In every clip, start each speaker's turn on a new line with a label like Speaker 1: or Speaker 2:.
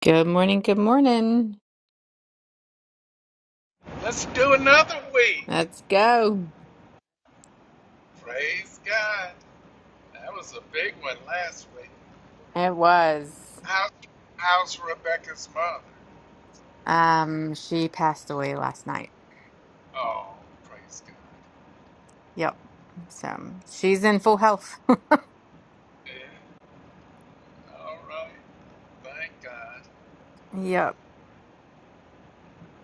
Speaker 1: Good morning, good morning.
Speaker 2: Let's do another week.
Speaker 1: Let's go.
Speaker 2: Praise God. That was a big one last week.
Speaker 1: It was.
Speaker 2: How, how's Rebecca's mother?
Speaker 1: Um, she passed away last night.
Speaker 2: Oh, praise God.
Speaker 1: Yep. So she's in full health.
Speaker 2: Yeah, all right. Thank God.
Speaker 1: Yep.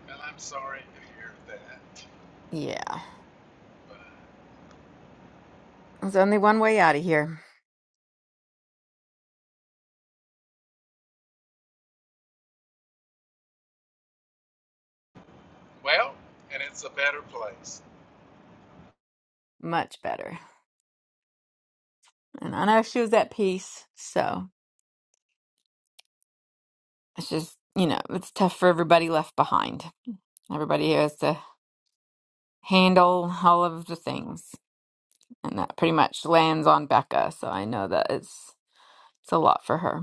Speaker 2: And I'm sorry to hear that.
Speaker 1: Yeah.
Speaker 2: But,
Speaker 1: There's only one way out of here.
Speaker 2: well, and it's a better place.
Speaker 1: Much better. And I know she was at peace, so it's just, you know, it's tough for everybody left behind. Everybody has to handle all of the things. And that pretty much lands on Becca, so I know that it's it's a lot for her.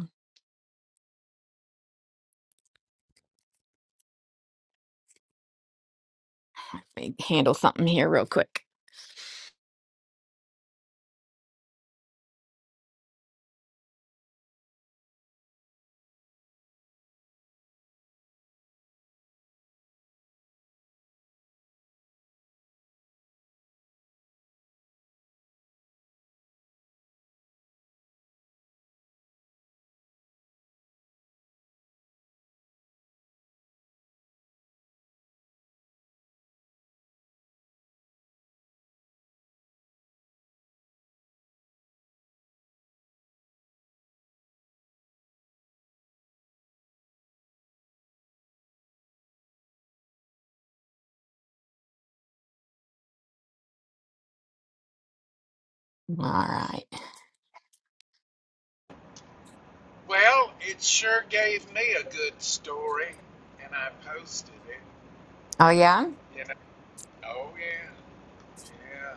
Speaker 1: Let me handle something here real quick. All right.
Speaker 2: Well, it sure gave me a good story, and I posted it.
Speaker 1: Oh, yeah?
Speaker 2: You know. Oh yeah, yeah,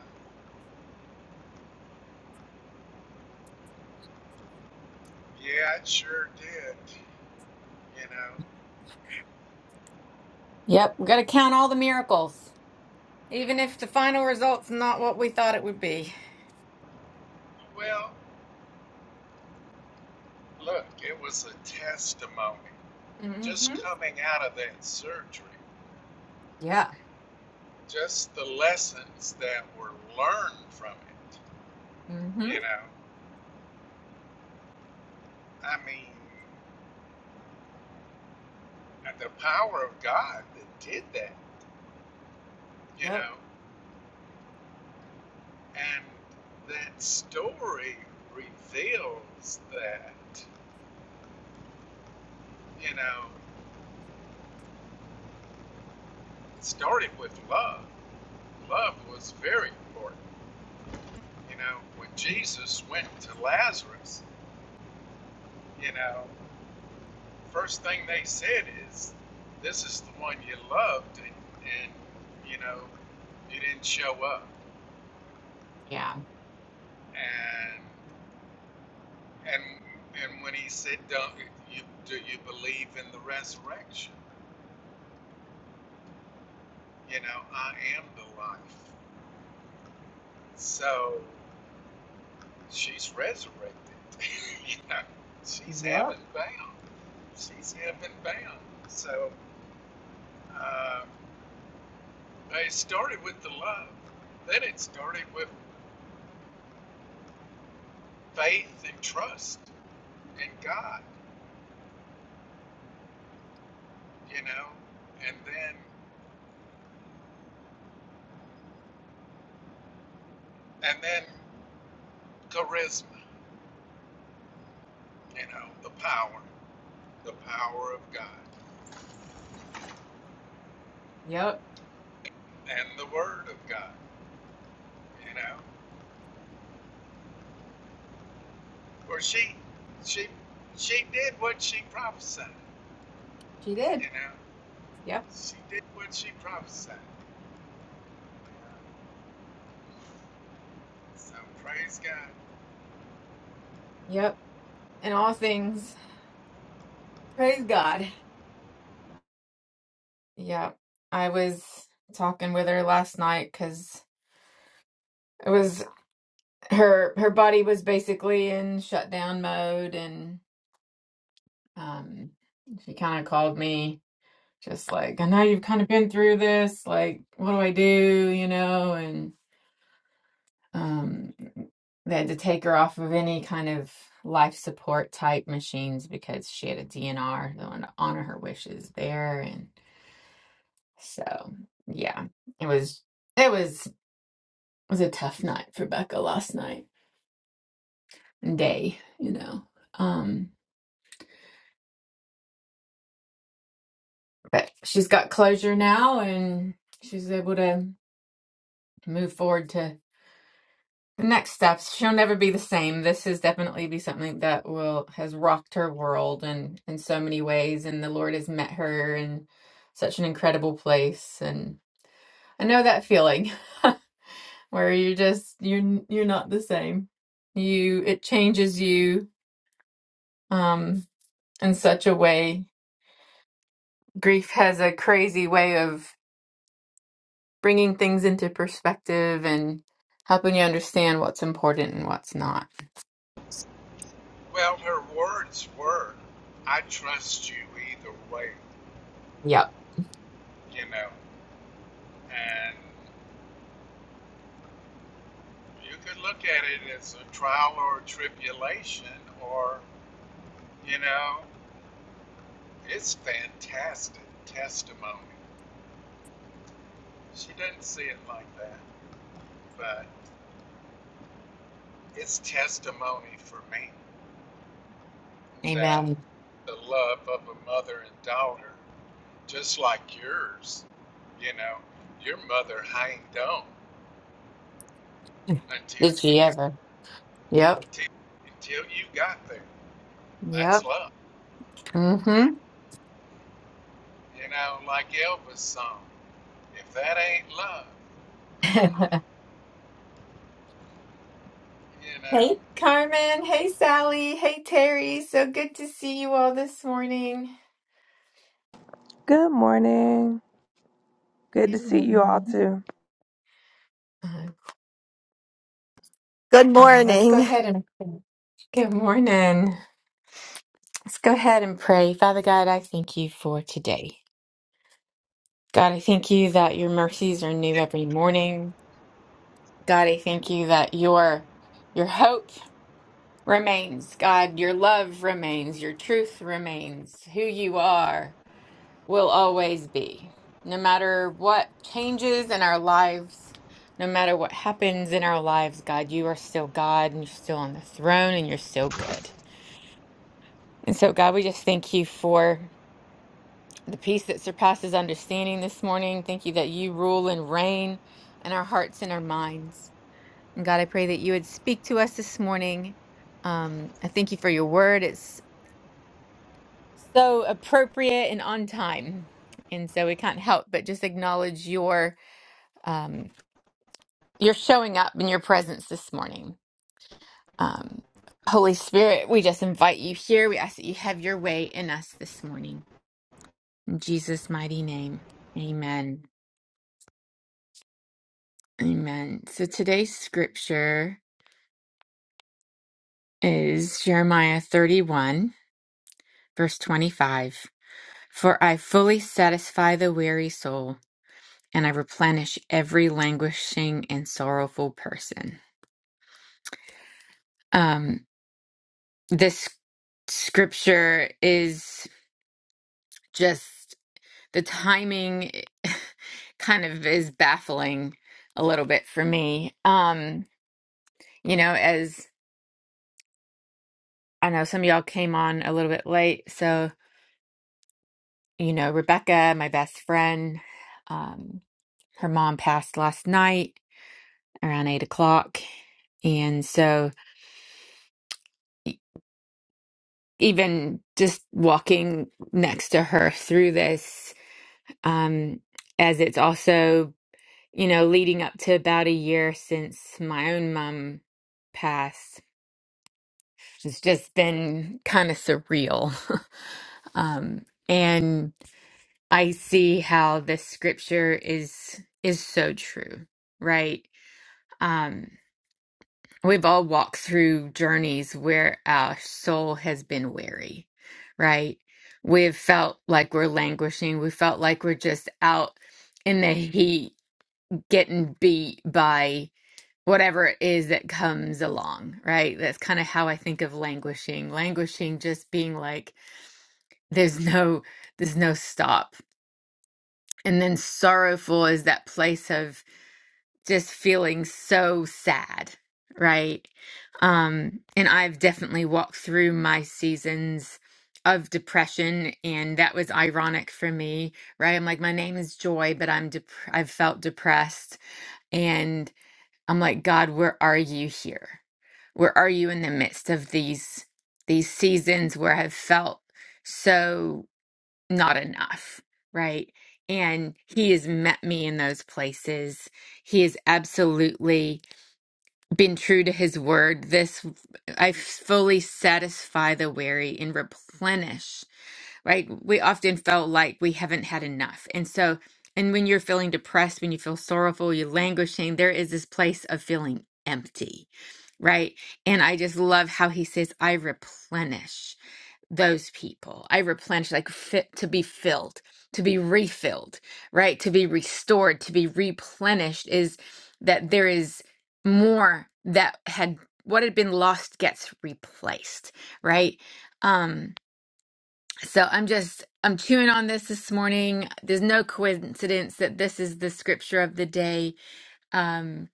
Speaker 2: yeah. It sure did. You know.
Speaker 1: Yep. We got to count all the miracles. Even if the final result's not what we thought it would be.
Speaker 2: Well, Look, it was a testimony. Just
Speaker 1: Mm-hmm.
Speaker 2: coming out of that surgery,
Speaker 1: Yeah.
Speaker 2: just the lessons that were learned from it.
Speaker 1: Mm-hmm.
Speaker 2: You know, I mean, the power of God that did that, you
Speaker 1: Yep.
Speaker 2: know, and that story reveals that, you know, it started with love. Love was very important. You know, when Jesus went to Lazarus, you know. first thing they said is, "This is the one you loved," and, and you know, you didn't show up.
Speaker 1: Yeah.
Speaker 2: And and and when he said, "Don't you do you believe in the resurrection?" You know, I am the life. So she's resurrected. you know, she's heaven
Speaker 1: Yep.
Speaker 2: bound. She's heaven bound. So uh, it started with the love. Then it started with faith and trust. and God, you know, and then and then charisma, you know, the power, the power of God,
Speaker 1: Yep.
Speaker 2: and the Word of God, you know. Or she, she, she did what she prophesied,
Speaker 1: She did.
Speaker 2: you know.
Speaker 1: Yep.
Speaker 2: She did what she prophesied. So praise God.
Speaker 1: Yep. In all things, Praise God. Yep. I was talking with her last night because it was her her body was basically in shutdown mode and um she kind of called me just like, I know you've kind of been through this, like, what do I do, you know? And um, they had to take her off of any kind of life support type machines because she had a DNR. They wanted to honor her wishes there. And so, yeah, it was, it was, it was a tough night for Becca last night and day, you know. Um, but she's got closure now and she's able to move forward to. the next steps she'll never be the same this has definitely be something that will has rocked her world and in so many ways and the lord has met her in such an incredible place and i know that feeling where you just you're you're not the same you it changes you um in such a way grief has a crazy way of bringing things into perspective and helping you understand what's important and what's not
Speaker 2: Well, her words were, "I trust you either way,"
Speaker 1: yep
Speaker 2: you know, and you could look at it as a trial or a tribulation, or You know, it's fantastic testimony. She doesn't see it like that, but it's testimony for me that the love of a mother and daughter, just like yours, you know, your mother hanged on until
Speaker 1: Did
Speaker 2: you
Speaker 1: she
Speaker 2: got
Speaker 1: ever? yep
Speaker 2: till, until you got there.
Speaker 1: yep
Speaker 2: That's love.
Speaker 1: Mm-hmm.
Speaker 2: You know, like Elvis song. If that ain't love, you know.
Speaker 1: Hey, Carmen. Hey, Sally. Hey, Terry. So good to see you all this morning.
Speaker 3: Good morning. Good to
Speaker 1: Good
Speaker 3: see you all
Speaker 1: morning.
Speaker 3: too.
Speaker 1: Uh,
Speaker 4: Good
Speaker 1: now let's go
Speaker 4: morning.
Speaker 1: ahead and good morning. Let's go ahead and pray. Father God, I thank you for today. God, I thank you that your mercies are new every morning. God, I thank you that your your hope remains. God, your love remains. Your truth remains. Who you are. will always be. No matter what changes in our lives, no matter what happens in our lives, God, you are still God and you're still on the throne and you're still good. And so, God, we just thank you for the peace that surpasses understanding this morning. Thank you that you rule and reign in our hearts and our minds. And God, I pray that you would speak to us this morning. Um, I thank you for your word. It's so appropriate and on time. And so we can't help but just acknowledge your um, you're showing up in your presence this morning. Um, Holy Spirit, we just invite you here. We ask that you have your way in us this morning. In Jesus' mighty name, amen. Amen. So today's scripture is Jeremiah 31, verse 25. For I fully satisfy the weary soul, and I replenish every languishing and sorrowful person. Um, this scripture is just the timing kind of is baffling a little bit for me. Um, you know, as I know some of y'all came on a little bit late, so you know, Rebecca, my best friend, um, her mom passed last night around eight o'clock, and so e- even just walking next to her through this, um, as it's also you know, leading up to about a year since my own mom passed, it's just been kind of surreal. Um, and I see how this scripture is is so true, right? Um, we've all walked through journeys where our soul has been weary, right? We've felt like we're languishing. We felt like we're just out in the heat, getting beat by whatever it is that comes along, right? That's kind of how I think of languishing. Languishing just being like there's no there's no stop. And then sorrowful is that place of just feeling so sad, right? Um and I've definitely walked through my seasons of depression and that was ironic for me, right? I'm like my name is Joy, but I'm dep- I've felt depressed and. I'm like, God, where are you here? Where are you in the midst of these these seasons where I've felt so not enough, right? And he has met me in those places. He has absolutely been true to his word. This I fully satisfy the weary and replenish right? We often felt like we haven't had enough. And so, and when you're feeling depressed, when you feel sorrowful, you're languishing, there is this place of feeling empty, right? And I just love how he says, I replenish those people. I replenish, like fit to be filled, to be refilled, right? To be restored, to be replenished is that there is more that had what had been lost gets replaced, right? Um, so I'm just I'm chewing on this this morning. There's no coincidence that this is the scripture of the day. Um,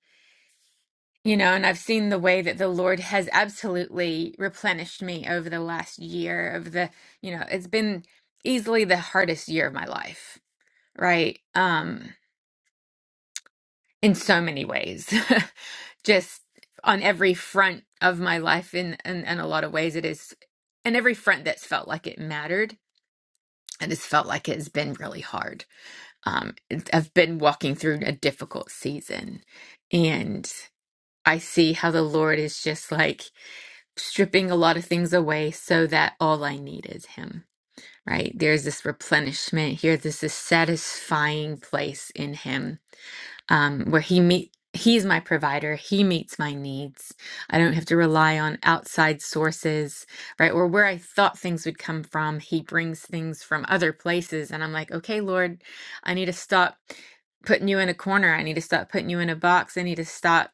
Speaker 1: you know, and I've seen the way that the Lord has absolutely replenished me over the last year of the, you know, it's been easily the hardest year of my life, right? Um, in so many ways. Just on every front of my life in, in in a lot of ways it is in every front that's felt like it mattered. and it's felt like it has been really hard um, have been walking through a difficult season. And I see how the Lord is just like stripping a lot of things away so that all I need is Him, right? There's this replenishment here, there's this satisfying place in Him um, where he meet he's my provider he meets my needs i don't have to rely on outside sources right or where i thought things would come from he brings things from other places and i'm like okay lord i need to stop putting you in a corner i need to stop putting you in a box i need to stop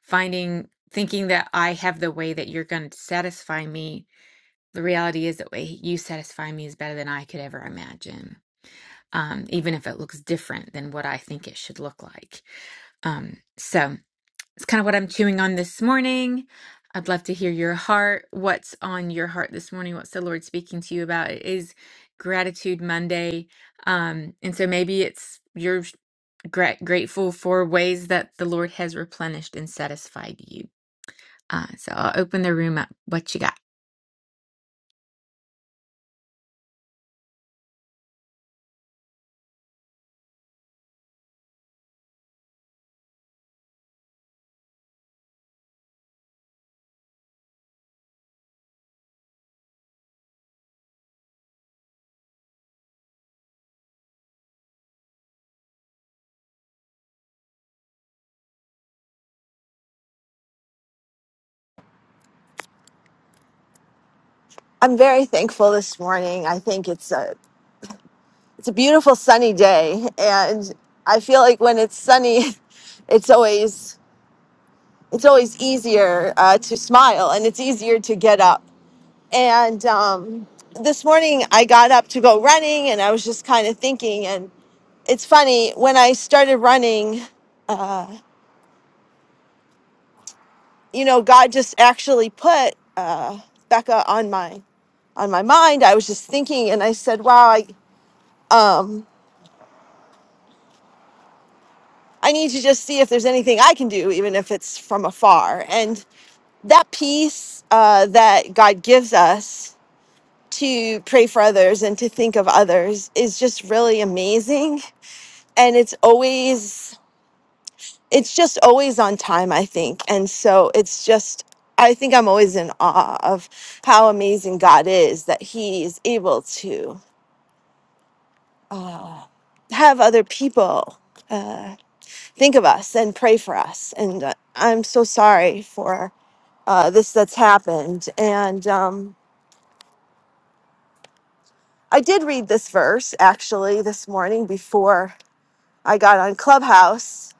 Speaker 1: finding thinking that i have the way that you're going to satisfy me the reality is that way you satisfy me is better than i could ever imagine um, even if it looks different than what I think it should look like. Um, so it's kind of what I'm chewing on this morning. I'd love to hear your heart. What's on your heart this morning? What's the Lord speaking to you about? It is Gratitude Monday. Um, and so maybe it's you're gra- grateful for ways that the Lord has replenished and satisfied you. Uh, so I'll open the room up. What you got?
Speaker 4: I'm very thankful this morning. I think it's a it's a beautiful sunny day and I feel like when it's sunny it's always it's always easier uh, to smile and it's easier to get up. And um, this morning I got up to go running and I was just kind of thinking and it's funny when I started running uh, you know God just actually put uh, Becca on my on my mind. I was just thinking, and I said, "Wow, I." um, I need to just see if there's anything I can do, even if it's from afar. And that peace uh, that God gives us to pray for others and to think of others is just really amazing. And it's always, it's just always on time, I think. And so it's just, I think I'm always in awe of how amazing God is that He is able to uh, have other people. Uh, think of us and pray for us. And uh, I'm so sorry for uh, this that's happened. And um, I did read this verse actually this morning before I got on Clubhouse,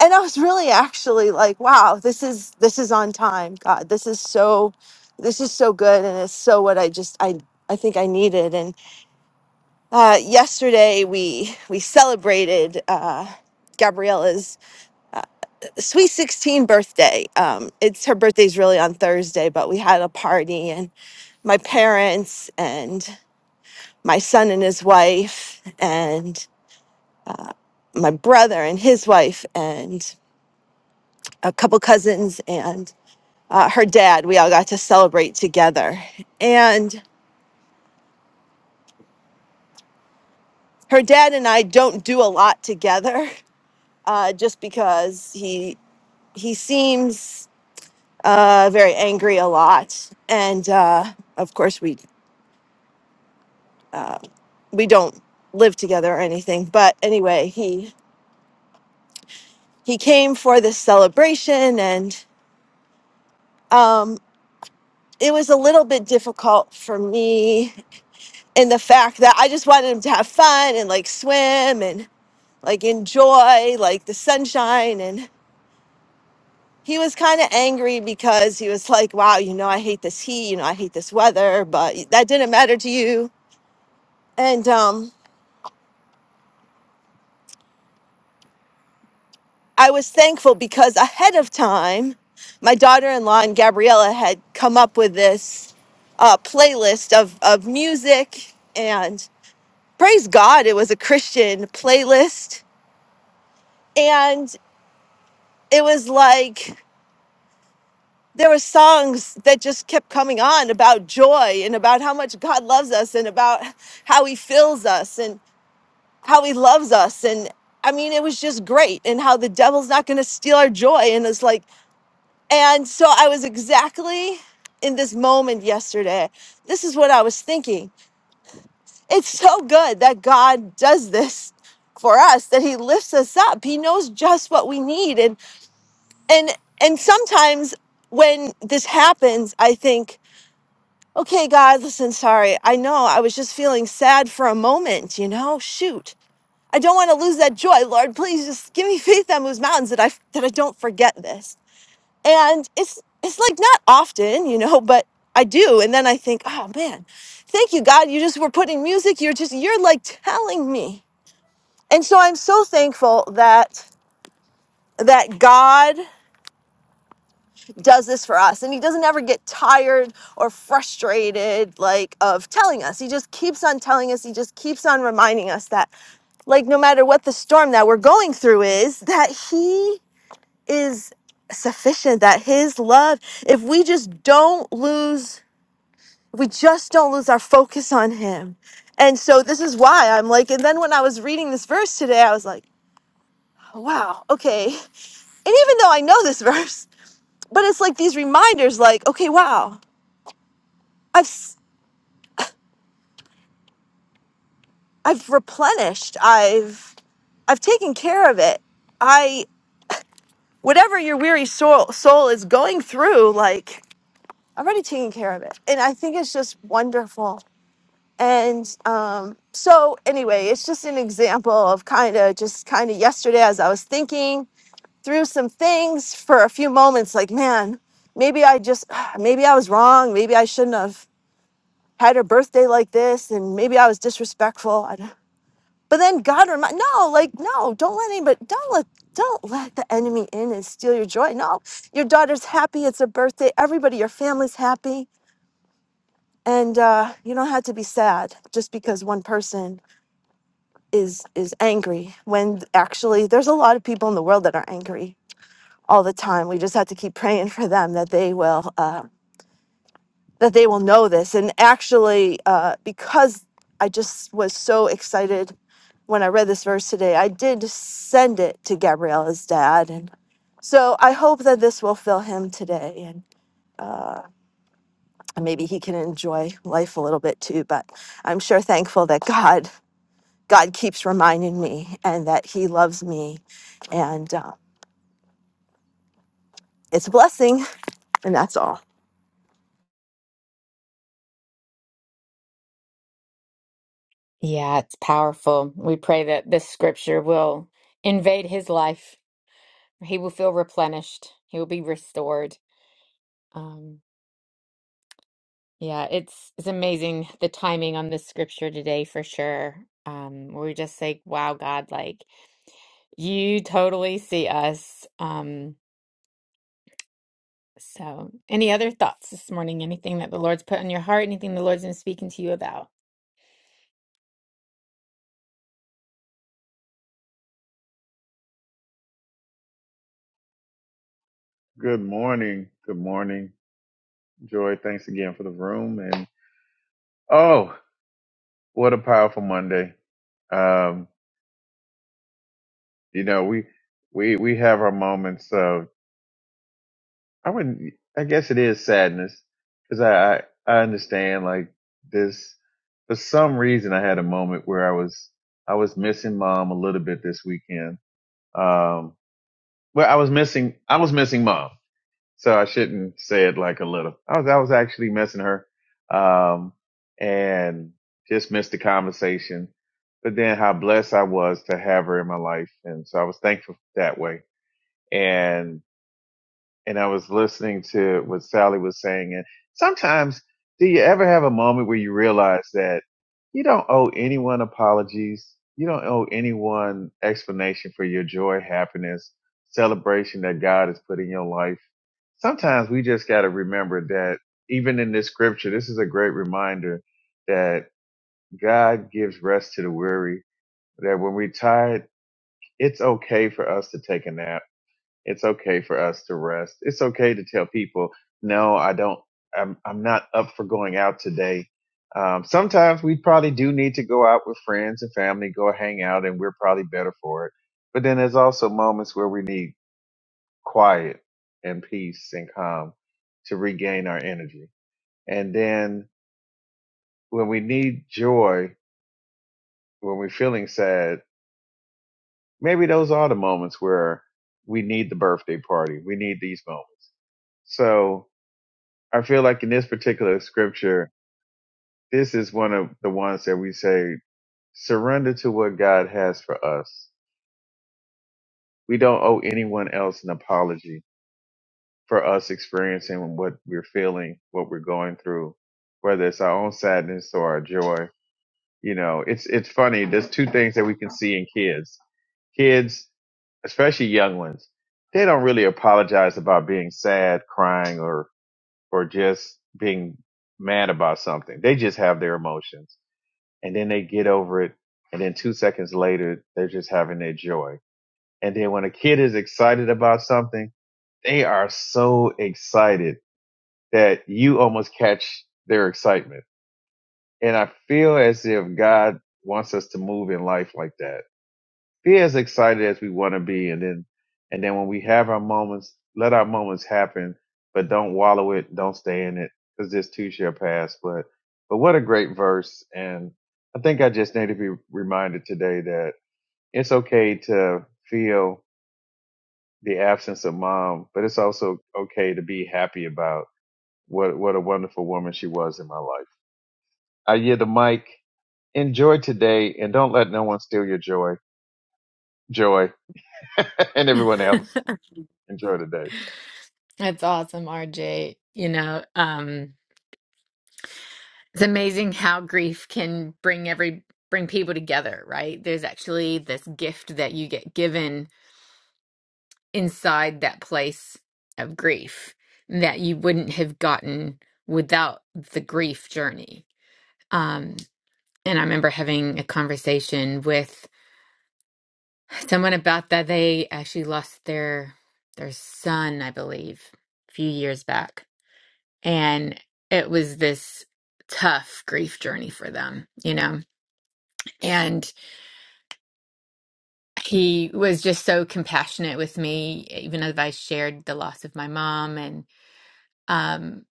Speaker 4: and I was really actually like, "Wow, this is this is on time, God. This is so, this is so good, and it's so what I just I." I think I needed, and uh, yesterday we we celebrated uh, Gabriella's uh, sweet 16 birthday um it's her birthday's really on thursday but we had a party and my parents and my son and his wife and my brother and his wife and a couple cousins and uh, her dad we all got to celebrate together and her dad and i don't do a lot together uh, just because he he seems uh, very angry a lot and uh, of course we uh, we don't live together or anything but anyway he he came for this celebration and um it was a little bit difficult for me in the fact that i just wanted him to have fun and like swim and like enjoy like the sunshine and he was kind of angry because he was like wow you know i hate this heat you know i hate this weather but that didn't matter to you and um I was thankful because ahead of time, my daughter in law and Gabriella had come up with this uh, playlist of, of music. And praise God, it was a Christian playlist. And it was like there were songs that just kept coming on about joy and about how much God loves us and about how he fills us and how he loves us. And I mean, it was just great and how the devil's not going to steal our joy. And it's like, And so I was exactly in this moment yesterday. This is what I was thinking. It's so good that God does this for us that he lifts us up. He knows just what we need and and and sometimes when this happens, I think, "Okay, God, listen, sorry. I know I was just feeling sad for a moment, you know? Shoot. I don't want to lose that joy. Lord, please just give me faith that moves mountains that I that I don't forget this." and it's it's like not often you know but i do and then i think oh man thank you god you just were putting music you're just you're like telling me and so i'm so thankful that that god does this for us and he doesn't ever get tired or frustrated like of telling us he just keeps on telling us he just keeps on reminding us that like no matter what the storm that we're going through is that he is sufficient that his love if we just don't lose we just don't lose our focus on him. And so this is why I'm like, and then when I was reading this verse today, I was like, oh, wow, okay. And even though I know this verse, but it's like these reminders, like, okay, wow, I've s- I've replenished, I've I've taken care of it. I whatever your weary soul soul is going through, like I've already taken care of it. And I think it's just wonderful and um, so anyway it's just an example of kind of just kind of yesterday as i was thinking through some things for a few moments like man maybe i just maybe i was wrong maybe i shouldn't have had her birthday like this and maybe i was disrespectful I don't, but then god remind no like no don't let anybody don't let don't let the enemy in and steal your joy no your daughter's happy it's her birthday everybody your family's happy and uh, you don't have to be sad just because one person is is angry when actually there's a lot of people in the world that are angry all the time we just have to keep praying for them that they will uh, that they will know this and actually uh, because i just was so excited when i read this verse today i did send it to gabriella's dad and so i hope that this will fill him today and uh, maybe he can enjoy life a little bit too but i'm sure thankful that god God keeps reminding me and that He loves me. And uh, it's a blessing, and that's all.
Speaker 1: Yeah, it's powerful. We pray that this scripture will invade his life He will feel replenished. He will be restored. Um, yeah, it's it's amazing the timing on this scripture today for sure. Um, we're just like, wow, God, like you totally see us. Um, so any other thoughts this morning? Anything that the Lord's put on your heart? Anything the Lord's been speaking to you about?
Speaker 5: Good morning. Good morning, Joy. Thanks again for the room. And oh, what a powerful Monday. Um, you know, we we we have our moments of I wouldn't. I guess it is sadness because I, I I understand like this. For some reason, I had a moment where I was I was missing mom a little bit this weekend. Um, well, I was missing I was missing mom. so I shouldn't say it like a little. I was I was actually missing her, um, and just missed the conversation. But then how blessed I was to have her in my life, and so I was thankful that way. And and I was listening to what Sally was saying. And sometimes, do you ever have a moment where you realize that you don't owe anyone apologies? You don't owe anyone explanation for your joy, happiness, celebration that God has put in your life. Sometimes we just got to remember that even in this scripture, this is a great reminder that God gives rest to the weary, that when we're tired, it's okay for us to take a nap it's okay for us to rest. It's okay to tell people, no, I don't, I'm, I'm not up for going out today. Um, sometimes we probably do need to go out with friends and family, go hang out, and we're probably better for it. But then there's also moments where we need quiet and peace and calm to regain our energy. And then when we need joy, when we're feeling sad, maybe those are the moments where we need the birthday party. We need these moments. So I feel like in this particular scripture, this is one of the ones that we say, surrender to what God has for us. We don't owe anyone else an apology for us experiencing what we're feeling, what we're going through, whether it's our own sadness or our joy. You know, it's, it's funny. There's two things that we can see in kids. Kids, especially young ones, they don't really apologize about being sad, crying, or, or just being mad about something. They just have their emotions and then they get over it and then two seconds later they're just having their joy and then when a kid is excited about something they are so excited that you almost catch their excitement and i feel as if god wants us to move in life like that be as excited as we want to be and then and then when we have our moments let our moments happen but don't wallow it don't stay in it because this too shall pass but but what a great verse and i think i just need to be reminded today that it's okay to feel the absence of mom but it's also okay to be happy about what what a wonderful woman she was in my life i hear the mic enjoy today and don't let no one steal your joy joy and everyone else Enjoy the day.
Speaker 1: That's awesome, RJ. You know, um, It's amazing how grief can bring every bring people together, right? There's actually this gift that you get given inside that place of grief that you wouldn't have gotten without the grief journey. Um, and I remember having a conversation with someone about that. They actually lost their their son, I believe, a few years back, and it was this tough grief journey for them, you know. And he was just so compassionate with me even as i shared the loss of my mom and um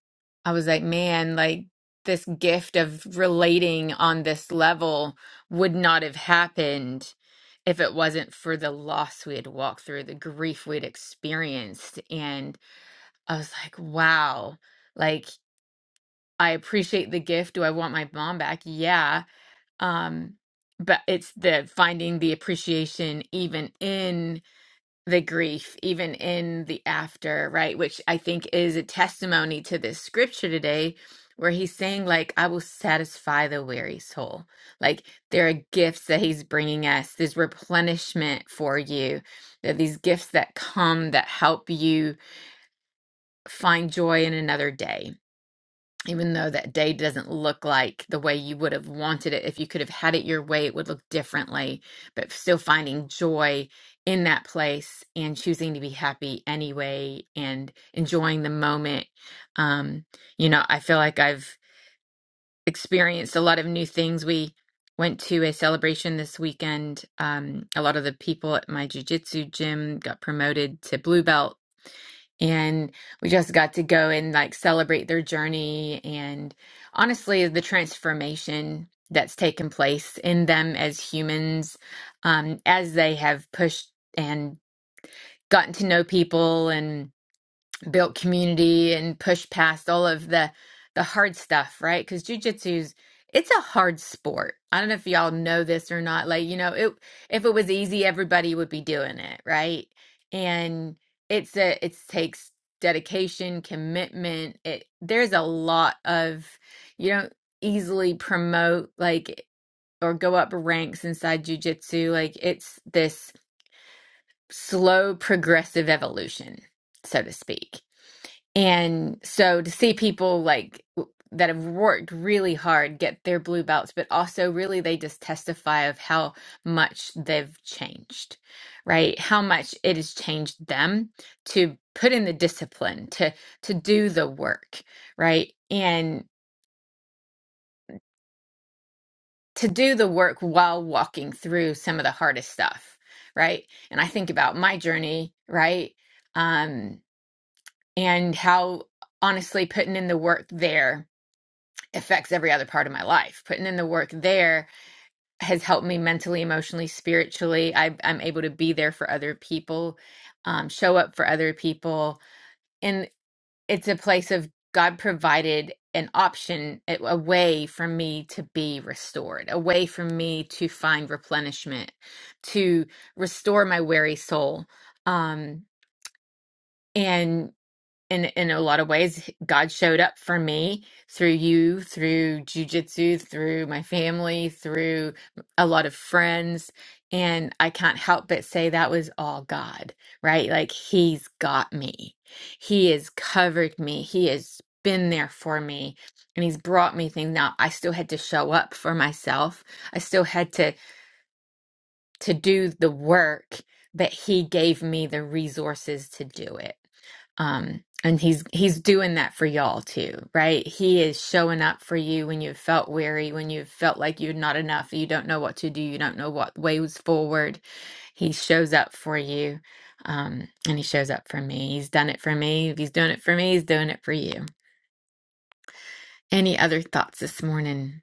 Speaker 1: i was like man like this gift of relating on this level would not have happened if it wasn't for the loss we had walked through the grief we had experienced and i was like wow like i appreciate the gift do i want my mom back yeah um but it's the finding the appreciation even in the grief even in the after right which i think is a testimony to this scripture today where he's saying like i will satisfy the weary soul like there are gifts that he's bringing us there's replenishment for you there are these gifts that come that help you find joy in another day even though that day doesn't look like the way you would have wanted it if you could have had it your way it would look differently but still finding joy in that place and choosing to be happy anyway and enjoying the moment um you know i feel like i've experienced a lot of new things we went to a celebration this weekend um a lot of the people at my jujitsu gym got promoted to blue belt and we just got to go and like celebrate their journey and honestly the transformation that's taken place in them as humans um, as they have pushed and gotten to know people and built community and pushed past all of the the hard stuff, right? Because jujitsu's it's a hard sport. I don't know if y'all know this or not. Like, you know, it if it was easy, everybody would be doing it, right? And it's a it takes dedication, commitment. It there's a lot of you don't easily promote like or go up ranks inside jujitsu. Like it's this slow progressive evolution, so to speak and so to see people like w- that have worked really hard get their blue belts, but also really they just testify of how much they've changed, right? How much it has changed them to put in the discipline, to to do the work, right? And to do the work while walking through some of the hardest stuff, right? And I think about my journey, right? Um, and how honestly putting in the work there affects every other part of my life. Putting in the work there has helped me mentally, emotionally, spiritually. I, I'm able to be there for other people, um, show up for other people. And it's a place of God provided an option, a a way for me to be restored, a way for me to find replenishment, to restore my weary soul. Um, and in in a lot of ways god showed up for me through you through jujitsu through my family through a lot of friends and i can't help but say that was all god right like he's got me he has covered me he has been there for me and he's brought me things now i still had to show up for myself i still had to to do the work but he gave me the resources to do it um and he's he's doing that for y'all too right he is showing up for you when you've felt weary when you've felt like you're not enough you don't know what to do you don't know what ways forward he shows up for you um and he shows up for me he's done it for me if he's doing it for me he's doing it for you any other thoughts this morning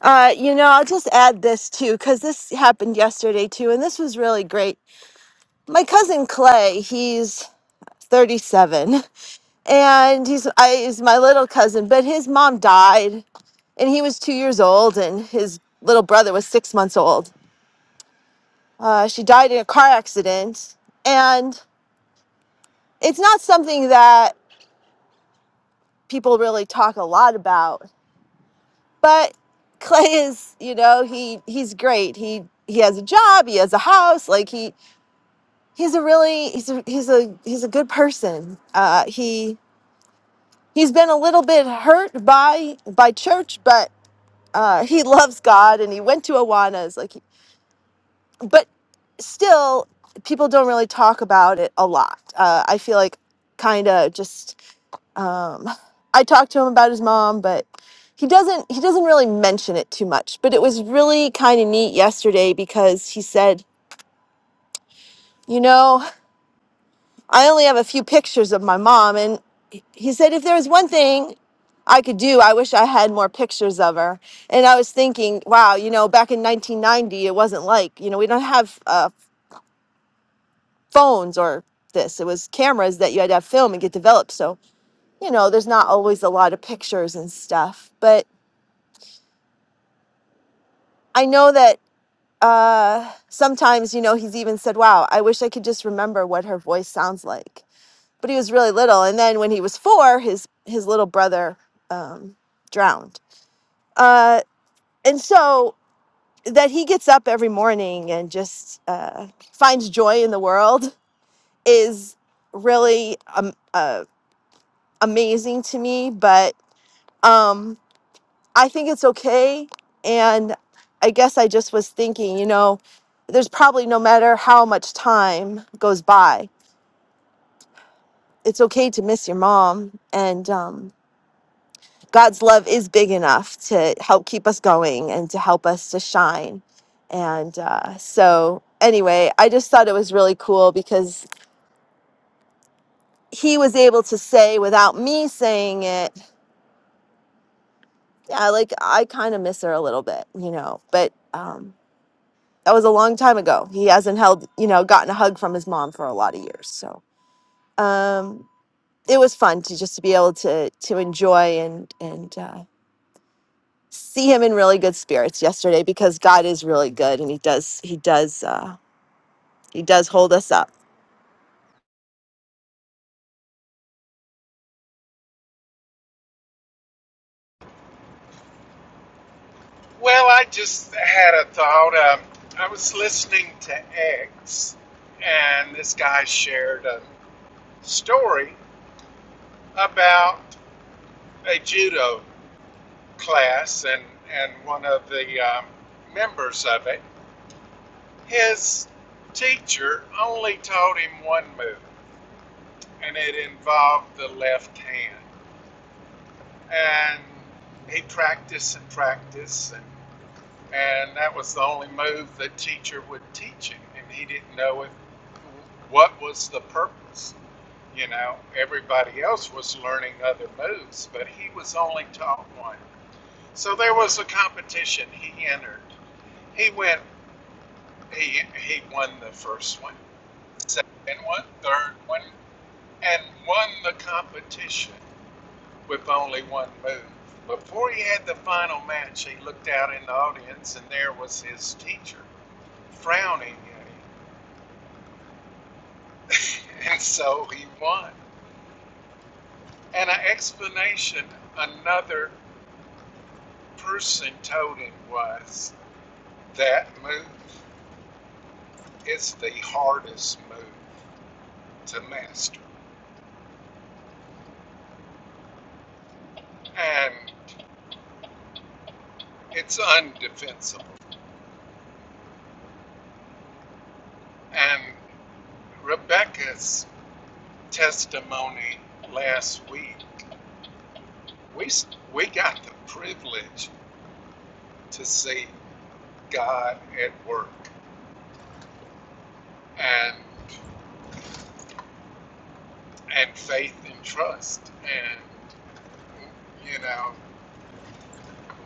Speaker 4: Uh, you know, I'll just add this too, because this happened yesterday too, and this was really great. My cousin Clay, he's 37, and he's I, he's my little cousin, but his mom died, and he was two years old, and his little brother was six months old. Uh, she died in a car accident, and it's not something that people really talk a lot about but clay is you know he he's great he he has a job he has a house like he he's a really he's a he's a he's a good person uh he he's been a little bit hurt by by church but uh he loves god and he went to awanas like he, but still people don't really talk about it a lot uh i feel like kind of just Um, I talked to him about his mom, but he doesn't he doesn't really mention it too much. But it was really kind of neat yesterday because he said, you know, I only have a few pictures of my mom, and he he said if there was one thing I could do, I wish I had more pictures of her. And I was thinking, wow, you know, back in 1990, it wasn't like you know we don't have uh, phones or this. It was cameras that you had to have film and get developed. So you know, there's not always a lot of pictures and stuff, but I know that uh sometimes you know he's even said wow i wish i could just remember what her voice sounds like but he was really little and then when he was four his his little brother um drowned uh and so that he gets up every morning and just uh finds joy in the world is really um, uh, amazing to me but um, I think it's okay. And I guess I just was thinking, you know, there's probably no matter how much time goes by, it's okay to miss your mom. And um, God's love is big enough to help keep us going and to help us to shine. And uh, so, anyway, I just thought it was really cool because he was able to say without me saying it, yeah, like I kind of miss her a little bit, you know, but. Um, that was a long time ago. He hasn't held, you know, gotten a hug from his mom for a lot of years. So um, it was fun to just to be able to to enjoy and and uh, see him in really good spirits yesterday because God is really good and he does he does uh, he does hold us up.
Speaker 2: Well, I just had a thought. Um, I was listening to X, and this guy shared a story about a judo class and, and one of the um, members of it. His teacher only taught him one move, and it involved the left hand. And he practiced and practiced, and and that was the only move the teacher would teach him, and he didn't know if what was the purpose. You know, everybody else was learning other moves, but he was only taught one. So there was a competition he entered. He went. He he won the first one, second one, third one, and won the competition with only one move. Before he had the final match, he looked out in the audience, and there was his teacher frowning at him. and so he won. And an explanation another person told him was that move is the hardest move to master. And it's undefensible. And Rebecca's testimony last week, we, we got the privilege to see God at work and, and faith and trust. and. You know,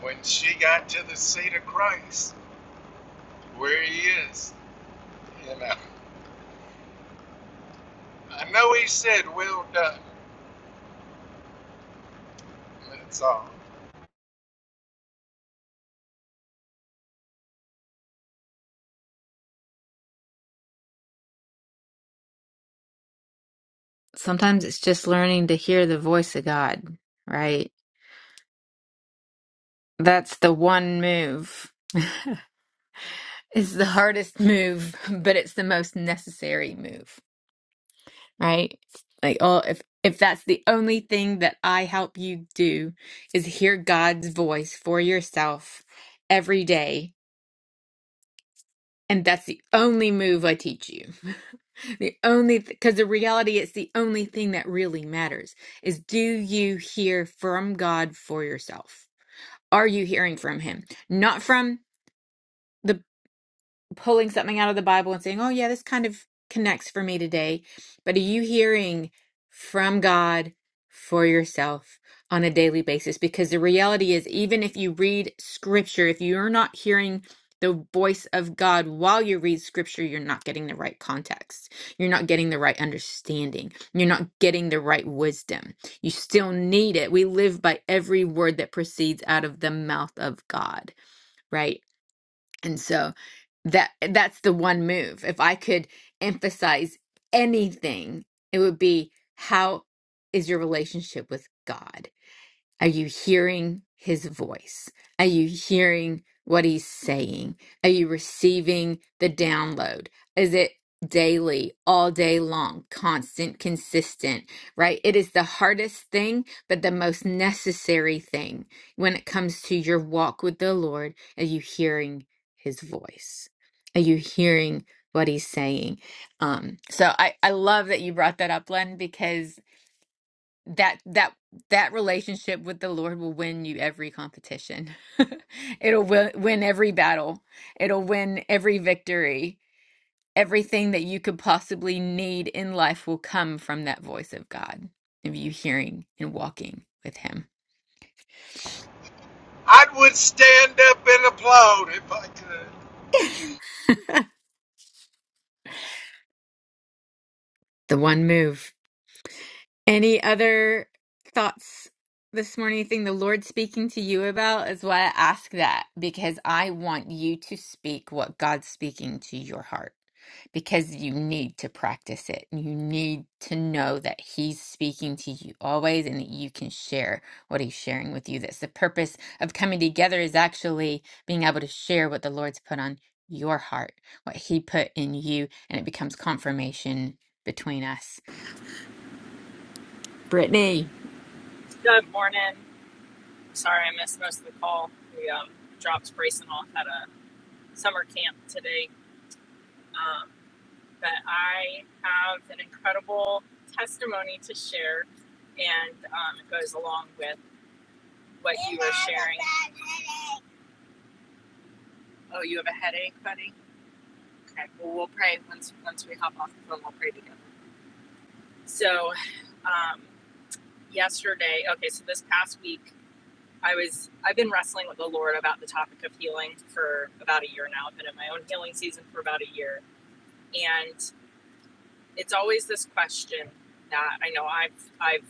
Speaker 2: when she got to the seat of Christ, where he is, you know, I know he said, Well done. That's all.
Speaker 1: sometimes it's just learning to hear the voice of god right that's the one move it's the hardest move but it's the most necessary move right? Like, oh, if if that's the only thing that I help you do is hear God's voice for yourself every day, and that's the only move I teach you. The only because the reality it's the only thing that really matters is do you hear from God for yourself? Are you hearing from him? Not from the pulling something out of the Bible and saying, oh, yeah, this kind of connects for me today. But are you hearing from God for yourself on a daily basis? Because the reality is, even if you read scripture, if you're not hearing the voice of God while you read scripture, you're not getting the right context. You're not getting the right understanding. You're not getting the right wisdom. You still need it. We live by every word that proceeds out of the mouth of God, right? And so that that's the one move. If I could emphasize anything, it would be how is your relationship with God? Are you hearing his voice? Are you hearing what he's saying? Are you receiving the download? Is it daily, all day long, constant, consistent, right? It is the hardest thing, but the most necessary thing when it comes to your walk with the Lord. Are you hearing his voice? Are you hearing what he's saying? Um, so I, I love that you brought that up, Len, because that that that relationship with the Lord will win you every competition. It'll win, win every battle. It'll win every victory. Everything that you could possibly need in life will come from that voice of God, of you hearing and walking with Him.
Speaker 2: I would stand up and applaud if I could.
Speaker 1: The one move. Any other thoughts this morning? Anything the Lord speaking to you about is why I ask that because I want you to speak what God's speaking to your heart because you need to practice it. You need to know that He's speaking to you always and that you can share what He's sharing with you. That's the purpose of coming together is actually being able to share what the Lord's put on your heart, what He put in you, and it becomes confirmation between us. Brittany.
Speaker 6: Good morning. Sorry I missed most of the call. We um, dropped Grayson off at a summer camp today. Um, but I have an incredible testimony to share, and um, it goes along with what you were sharing. Oh, you have a headache, buddy? Okay. Well, we'll pray once, once we hop off the phone, we'll pray together. So, um, yesterday, okay, so this past week, I was I've been wrestling with the Lord about the topic of healing for about a year now. I've been in my own healing season for about a year, and it's always this question that I know I've I've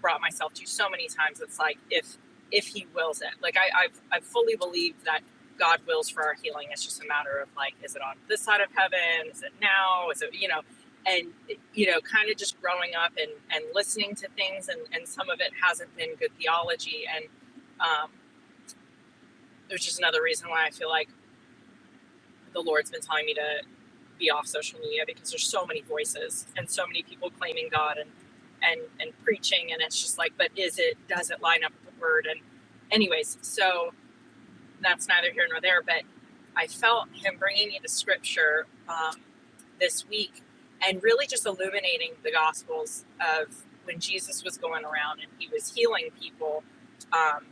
Speaker 6: brought myself to so many times. It's like if if He wills it, like I, I've I've fully believed that God wills for our healing. It's just a matter of like, is it on this side of heaven? Is it now? Is it you know? And you know, kind of just growing up and and listening to things, and and some of it hasn't been good theology and um, there's just another reason why I feel like the Lord's been telling me to be off social media because there's so many voices and so many people claiming God and and and preaching and it's just like, but is it does it line up with the word? And anyways, so that's neither here nor there. But I felt Him bringing me to Scripture um, this week and really just illuminating the Gospels of when Jesus was going around and He was healing people. Um,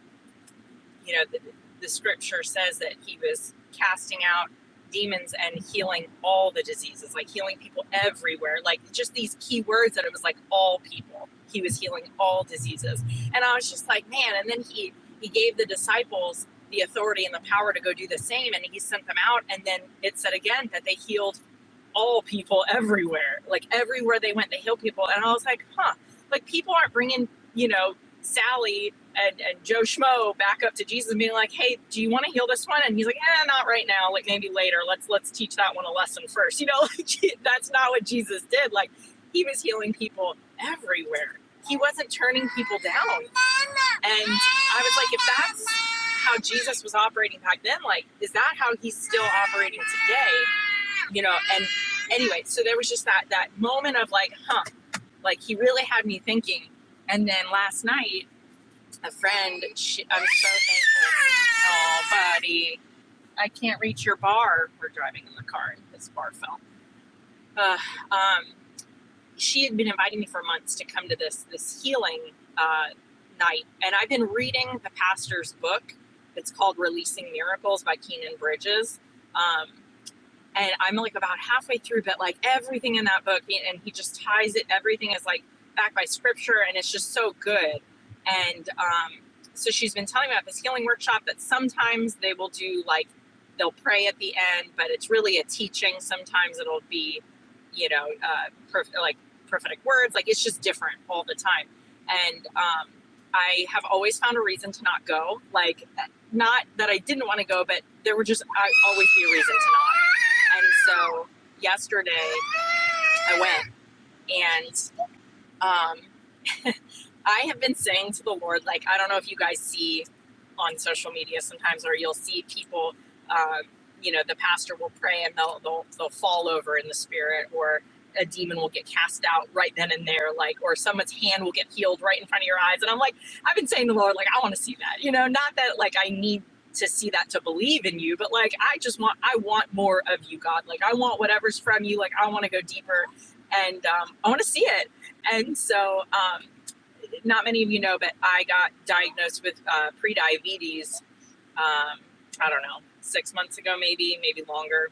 Speaker 6: you know, the, the scripture says that he was casting out demons and healing all the diseases, like healing people everywhere, like just these key words that it was like all people. He was healing all diseases. And I was just like, man, and then he he gave the disciples the authority and the power to go do the same and he sent them out and then it said again that they healed all people everywhere. Like everywhere they went, they healed people. And I was like, huh, like people aren't bringing, you know, Sally and, and Joe Schmo back up to Jesus and being like, "Hey, do you want to heal this one?" And he's like, "Eh, not right now. Like maybe later. Let's let's teach that one a lesson first. You know, like that's not what Jesus did. Like he was healing people everywhere. He wasn't turning people down. And I was like, if that's how Jesus was operating back then, like is that how he's still operating today? You know. And anyway, so there was just that that moment of like, huh, like he really had me thinking. And then last night a friend. She, I'm so thankful. Oh, buddy, I can't reach your bar. We're driving in the car, and this bar fell. Uh, um, she had been inviting me for months to come to this this healing uh, night, and I've been reading the pastor's book. It's called Releasing Miracles by Keenan Bridges. Um, and I'm like about halfway through, but like everything in that book, and he just ties it. Everything is like backed by scripture, and it's just so good. And um, so she's been telling me about this healing workshop that sometimes they will do like they'll pray at the end, but it's really a teaching. Sometimes it'll be, you know, uh, prof- like prophetic words. Like it's just different all the time. And um, I have always found a reason to not go. Like not that I didn't want to go, but there would just I always be a reason to not and so yesterday I went and um, I have been saying to the Lord, like, I don't know if you guys see on social media sometimes, or you'll see people, um, you know, the pastor will pray and they'll, they'll, they'll fall over in the spirit, or a demon will get cast out right then and there, like, or someone's hand will get healed right in front of your eyes. And I'm like, I've been saying to the Lord, like, I want to see that, you know, not that like I need to see that to believe in you, but like, I just want, I want more of you, God. Like, I want whatever's from you. Like, I want to go deeper and um, I want to see it. And so, um, not many of you know, but I got diagnosed with uh, pre-diabetes. Um, I don't know, six months ago, maybe, maybe longer.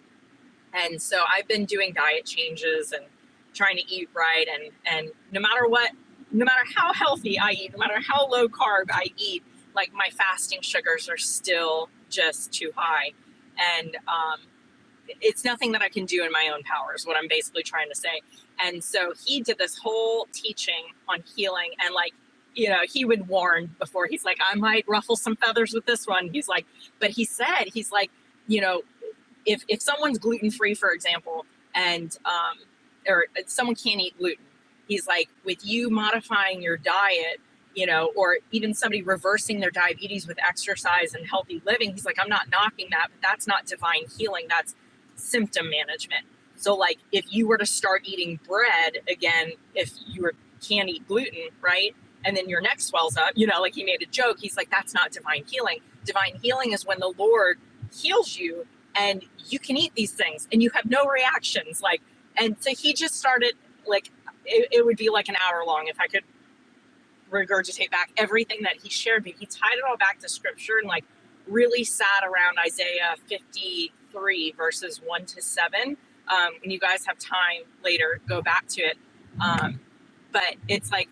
Speaker 6: And so I've been doing diet changes and trying to eat right. And and no matter what, no matter how healthy I eat, no matter how low carb I eat, like my fasting sugars are still just too high. And um, it's nothing that I can do in my own power, is what I'm basically trying to say. And so he did this whole teaching on healing and like, you know, he would warn before he's like, I might ruffle some feathers with this one. He's like, but he said, he's like, you know, if if someone's gluten free, for example, and um, or uh, someone can't eat gluten, he's like, with you modifying your diet, you know, or even somebody reversing their diabetes with exercise and healthy living, he's like, I'm not knocking that, but that's not divine healing. That's symptom management. So, like, if you were to start eating bread again, if you were, can't eat gluten, right? And then your neck swells up, you know, like he made a joke. He's like, that's not divine healing. Divine healing is when the Lord heals you and you can eat these things and you have no reactions like and so he just started like it, it would be like an hour long if i could regurgitate back everything that he shared but he tied it all back to scripture and like really sat around isaiah 53 verses 1 to 7 um, and you guys have time later go back to it um, but it's like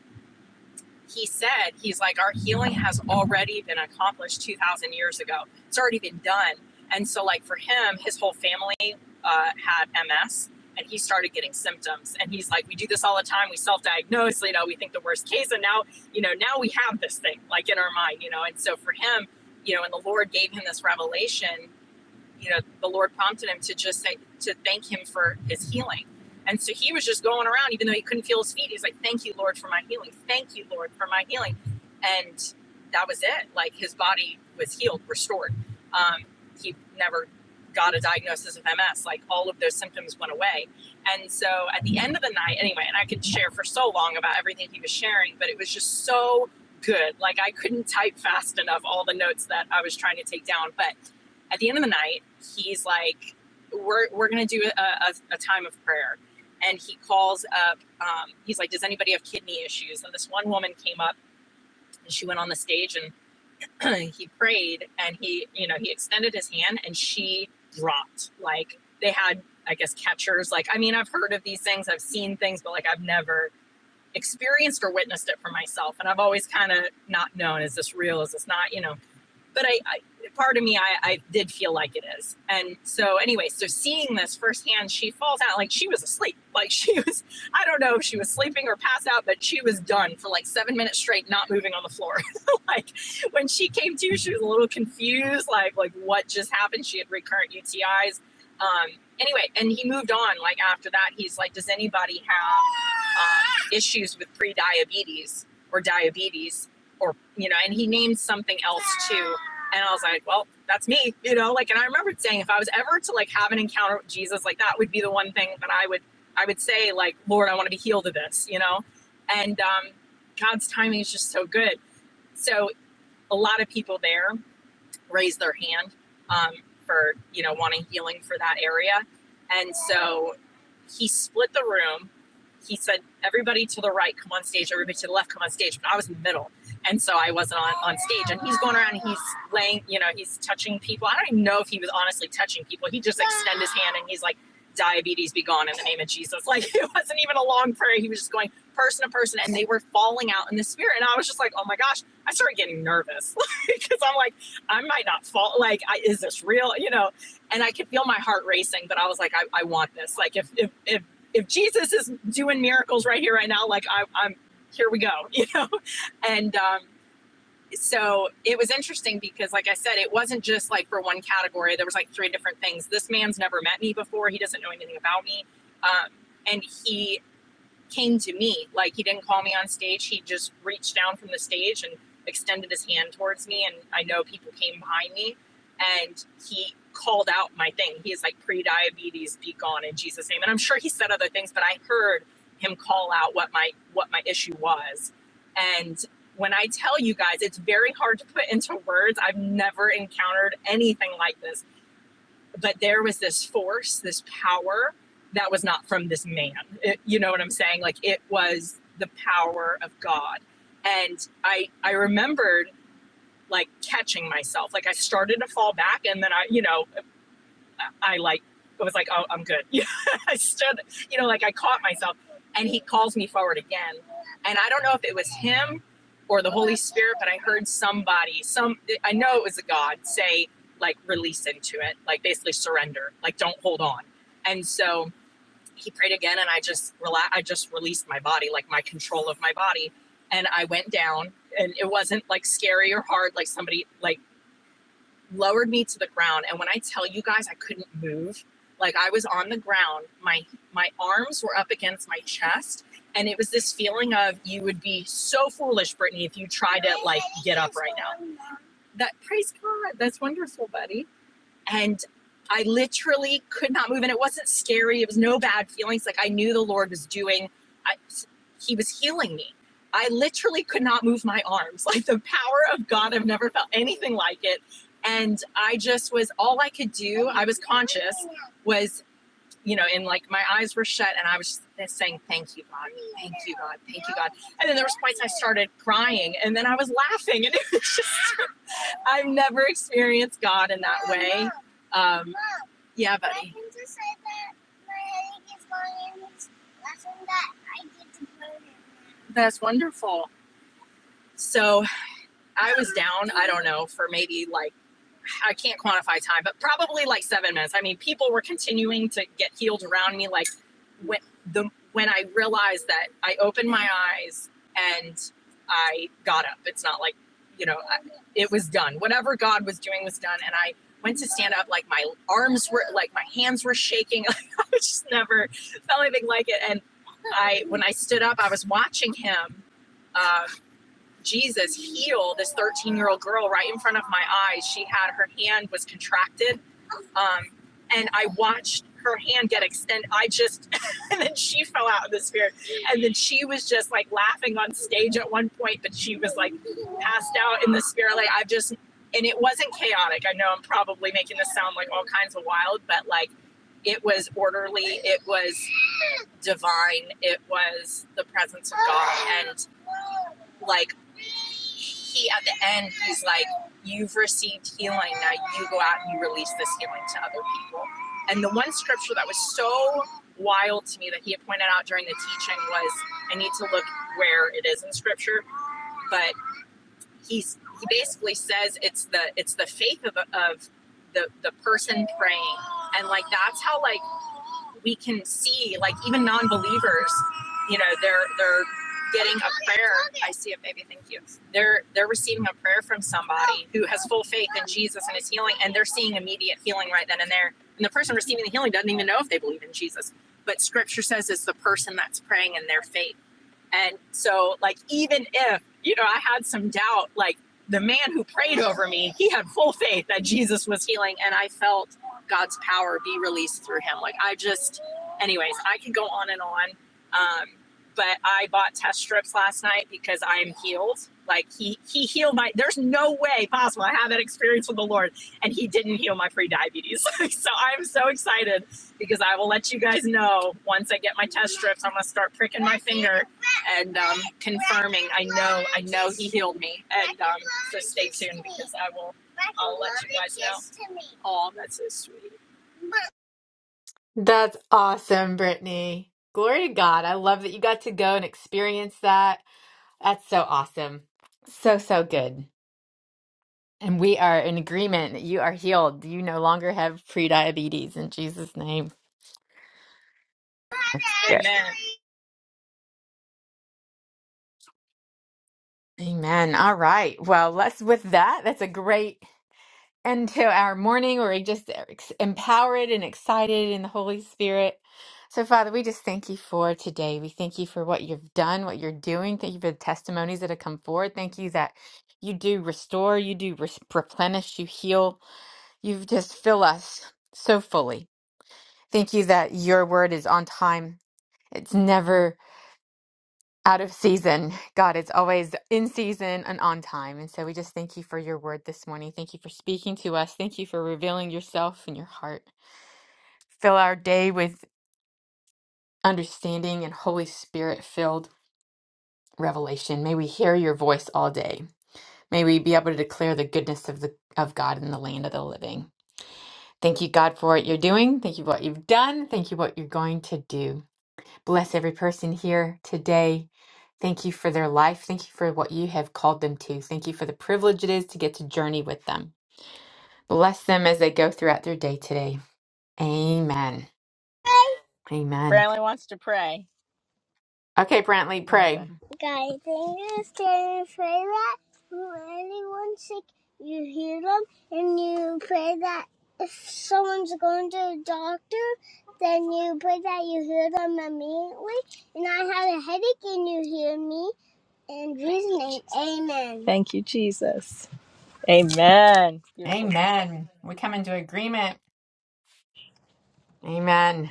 Speaker 6: he said, he's like, our healing has already been accomplished 2,000 years ago. It's already been done. And so, like, for him, his whole family uh, had MS and he started getting symptoms. And he's like, we do this all the time. We self diagnose, you know, we think the worst case. And now, you know, now we have this thing like in our mind, you know. And so, for him, you know, and the Lord gave him this revelation you know, the Lord prompted him to just say, to thank him for his healing. And so he was just going around, even though he couldn't feel his feet. He's like, thank you, Lord, for my healing. Thank you, Lord, for my healing. And that was it. Like his body was healed, restored. Um, he never got a diagnosis of MS. Like all of those symptoms went away. And so at the end of the night, anyway, and I could share for so long about everything he was sharing, but it was just so good. Like I couldn't type fast enough all the notes that I was trying to take down. But at the end of the night, he's like, "We're we're gonna do a, a, a time of prayer," and he calls up. Um, he's like, "Does anybody have kidney issues?" And this one woman came up and she went on the stage and he prayed and he you know he extended his hand and she dropped like they had I guess catchers. Like I mean, I've heard of these things, I've seen things, but like I've never experienced or witnessed it for myself and i've always kind of not known is this real is this not you know but I, I part of me I, I did feel like it is and so anyway so seeing this firsthand she falls out like she was asleep like she was i don't know if she was sleeping or passed out but she was done for like seven minutes straight not moving on the floor like when she came to she was a little confused like like what just happened she had recurrent utis um anyway and he moved on like after that he's like does anybody have um, issues with pre-diabetes or diabetes or you know and he named something else too and I was like, well, that's me, you know, like, and I remembered saying if I was ever to like have an encounter with Jesus, like that would be the one thing that I would, I would say like, Lord, I want to be healed of this, you know? And, um, God's timing is just so good. So a lot of people there raise their hand um, for you know wanting healing for that area and so he split the room he said everybody to the right come on stage everybody to the left come on stage but i was in the middle and so i wasn't on, on stage and he's going around and he's laying you know he's touching people i don't even know if he was honestly touching people he just extended his hand and he's like diabetes be gone in the name of jesus like it wasn't even a long prayer he was just going person to person and they were falling out in the spirit and i was just like oh my gosh i started getting nervous because i'm like I might not fall. Like, I, is this real? You know, and I could feel my heart racing, but I was like, I, I want this. Like, if, if, if, if Jesus is doing miracles right here, right now, like I, I'm here we go, you know? And, um, so it was interesting because like I said, it wasn't just like for one category. There was like three different things. This man's never met me before. He doesn't know anything about me. Um, and he came to me. Like he didn't call me on stage. He just reached down from the stage and extended his hand towards me. And I know people came behind me and he called out my thing. He's like pre-diabetes, be gone in Jesus' name. And I'm sure he said other things, but I heard him call out what my what my issue was. And when I tell you guys, it's very hard to put into words. I've never encountered anything like this but there was this force, this power that was not from this man. It- you know what I'm saying? Like it was the power of God. And I I remembered like catching myself. Like I started to fall back and then I, you know, I like it was like, oh, I'm good. I stood, you know, like I caught myself, and he calls me forward again, and I don't know if it was him or the Holy Spirit, but I heard somebody, some I know it was a God say like release into it, like basically surrender, like don't hold on, and so he prayed again, and I just relax, I just released my body, like my control of my body, and I went down, and it wasn't like scary or hard, like somebody like lowered me to the ground and when i tell you guys i couldn't move like i was on the ground my my arms were up against my chest and it was this feeling of you would be so foolish brittany if you tried to like get up right now that praise god that's wonderful buddy and I literally could not move. And it wasn't scary. It was no bad feelings. Like I knew the Lord was doing, I, He was healing me. I literally could not move my arms. Like the power of God, I've never felt anything like it. And I just was all I could do. I was conscious, was, you know, and like my eyes were shut and I was just saying, Thank you, God. Thank you, God. Thank you, God. And then there was points I started crying and then I was laughing. And I've never experienced God in that Mom, way. Mom, Um, Mom, yeah, buddy. I just say that my headache is going and it's lesson that I get to learn. That's wonderful. So I was down, I don't know, for maybe like I can't quantify time, but probably like seven minutes. I mean, people were continuing to get healed around me. Like when the when I realized that I opened my eyes and I got up. It's not like you know, I, it was done. Whatever God was doing was done, and I went to stand up. Like my arms were like my hands were shaking. I just never felt anything like it. And I when I stood up, I was watching him. Um, Jesus heal this 13 year old girl right in front of my eyes. She had her hand was contracted. Um, and I watched her hand get extended. I just, and then she fell out of the spirit. And then she was just like laughing on stage at one point, but she was like passed out in the spirit. Like I've just, and it wasn't chaotic. I know I'm probably making this sound like all kinds of wild, but like it was orderly. It was divine. It was the presence of God. And like he at the end he's like you've received healing now you go out and you release this healing to other people and the one scripture that was so wild to me that he had pointed out during the teaching was i need to look where it is in scripture but he's he basically says it's the it's the faith of, of the the person praying and like that's how like we can see like even non-believers you know they're they're getting a prayer i see it baby thank you they're they're receiving a prayer from somebody who has full faith in jesus and is healing and they're seeing immediate healing right then and there and the person receiving the healing doesn't even know if they believe in jesus but scripture says it's the person that's praying in their faith and so, like, even if, you know, I had some doubt, like, the man who prayed over me, he had full faith that Jesus was healing. And I felt God's power be released through him. Like, I just, anyways, I could go on and on. Um, but I bought test strips last night because I am healed. Like he he healed my. There's no way possible. I had that experience with the Lord, and he didn't heal my pre-diabetes. so I'm so excited because I will let you guys know once I get my test strips. I'm gonna start pricking my finger and um, confirming. I know, I know he healed me. And um, so stay tuned because I will I'll let you guys know. Oh, that's so sweet.
Speaker 1: That's awesome, Brittany. Glory to God. I love that you got to go and experience that. That's so awesome. So, so good. And we are in agreement that you are healed. You no longer have prediabetes in Jesus' name. That's good.
Speaker 6: Amen.
Speaker 1: Amen. All right. Well, let's with that. That's a great into our morning where we just are ex- empowered and excited in the Holy Spirit. So, Father, we just thank you for today. We thank you for what you've done, what you're doing. Thank you for the testimonies that have come forward. Thank you that you do restore, you do res- replenish, you heal. You just fill us so fully. Thank you that your word is on time. It's never out of season. God, it's always in season and on time. And so we just thank you for your word this morning. Thank you for speaking to us. Thank you for revealing yourself and your heart. Fill our day with understanding and Holy Spirit filled revelation. May we hear your voice all day. May we be able to declare the goodness of the of God in the land of the living. Thank you, God, for what you're doing. Thank you for what you've done. Thank you for what you're going to do. Bless every person here today. Thank you for their life. Thank you for what you have called them to. Thank you for the privilege it is to get to journey with them. Bless them as they go throughout their day today. Amen. Amen.
Speaker 6: Brantley wants to pray.
Speaker 1: Okay, Brantley,
Speaker 6: Go ahead,
Speaker 1: pray.
Speaker 6: buddy. God, thank you stand and pray that when anyone's sick, you heal them and you pray that if someone's going to the doctor, then you pray that you heal them immediately. And I had a headache and you hear me. In Jesus' name, amen. Thank you, Jesus. Amen. Beautiful
Speaker 1: Amen. We come into agreement. Amen.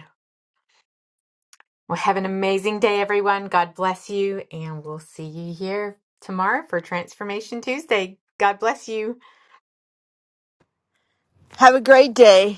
Speaker 1: Well, have an amazing day, everyone. God bless you, and we'll see you here tomorrow for Transformation Tuesday. God bless you.
Speaker 4: Have a great day.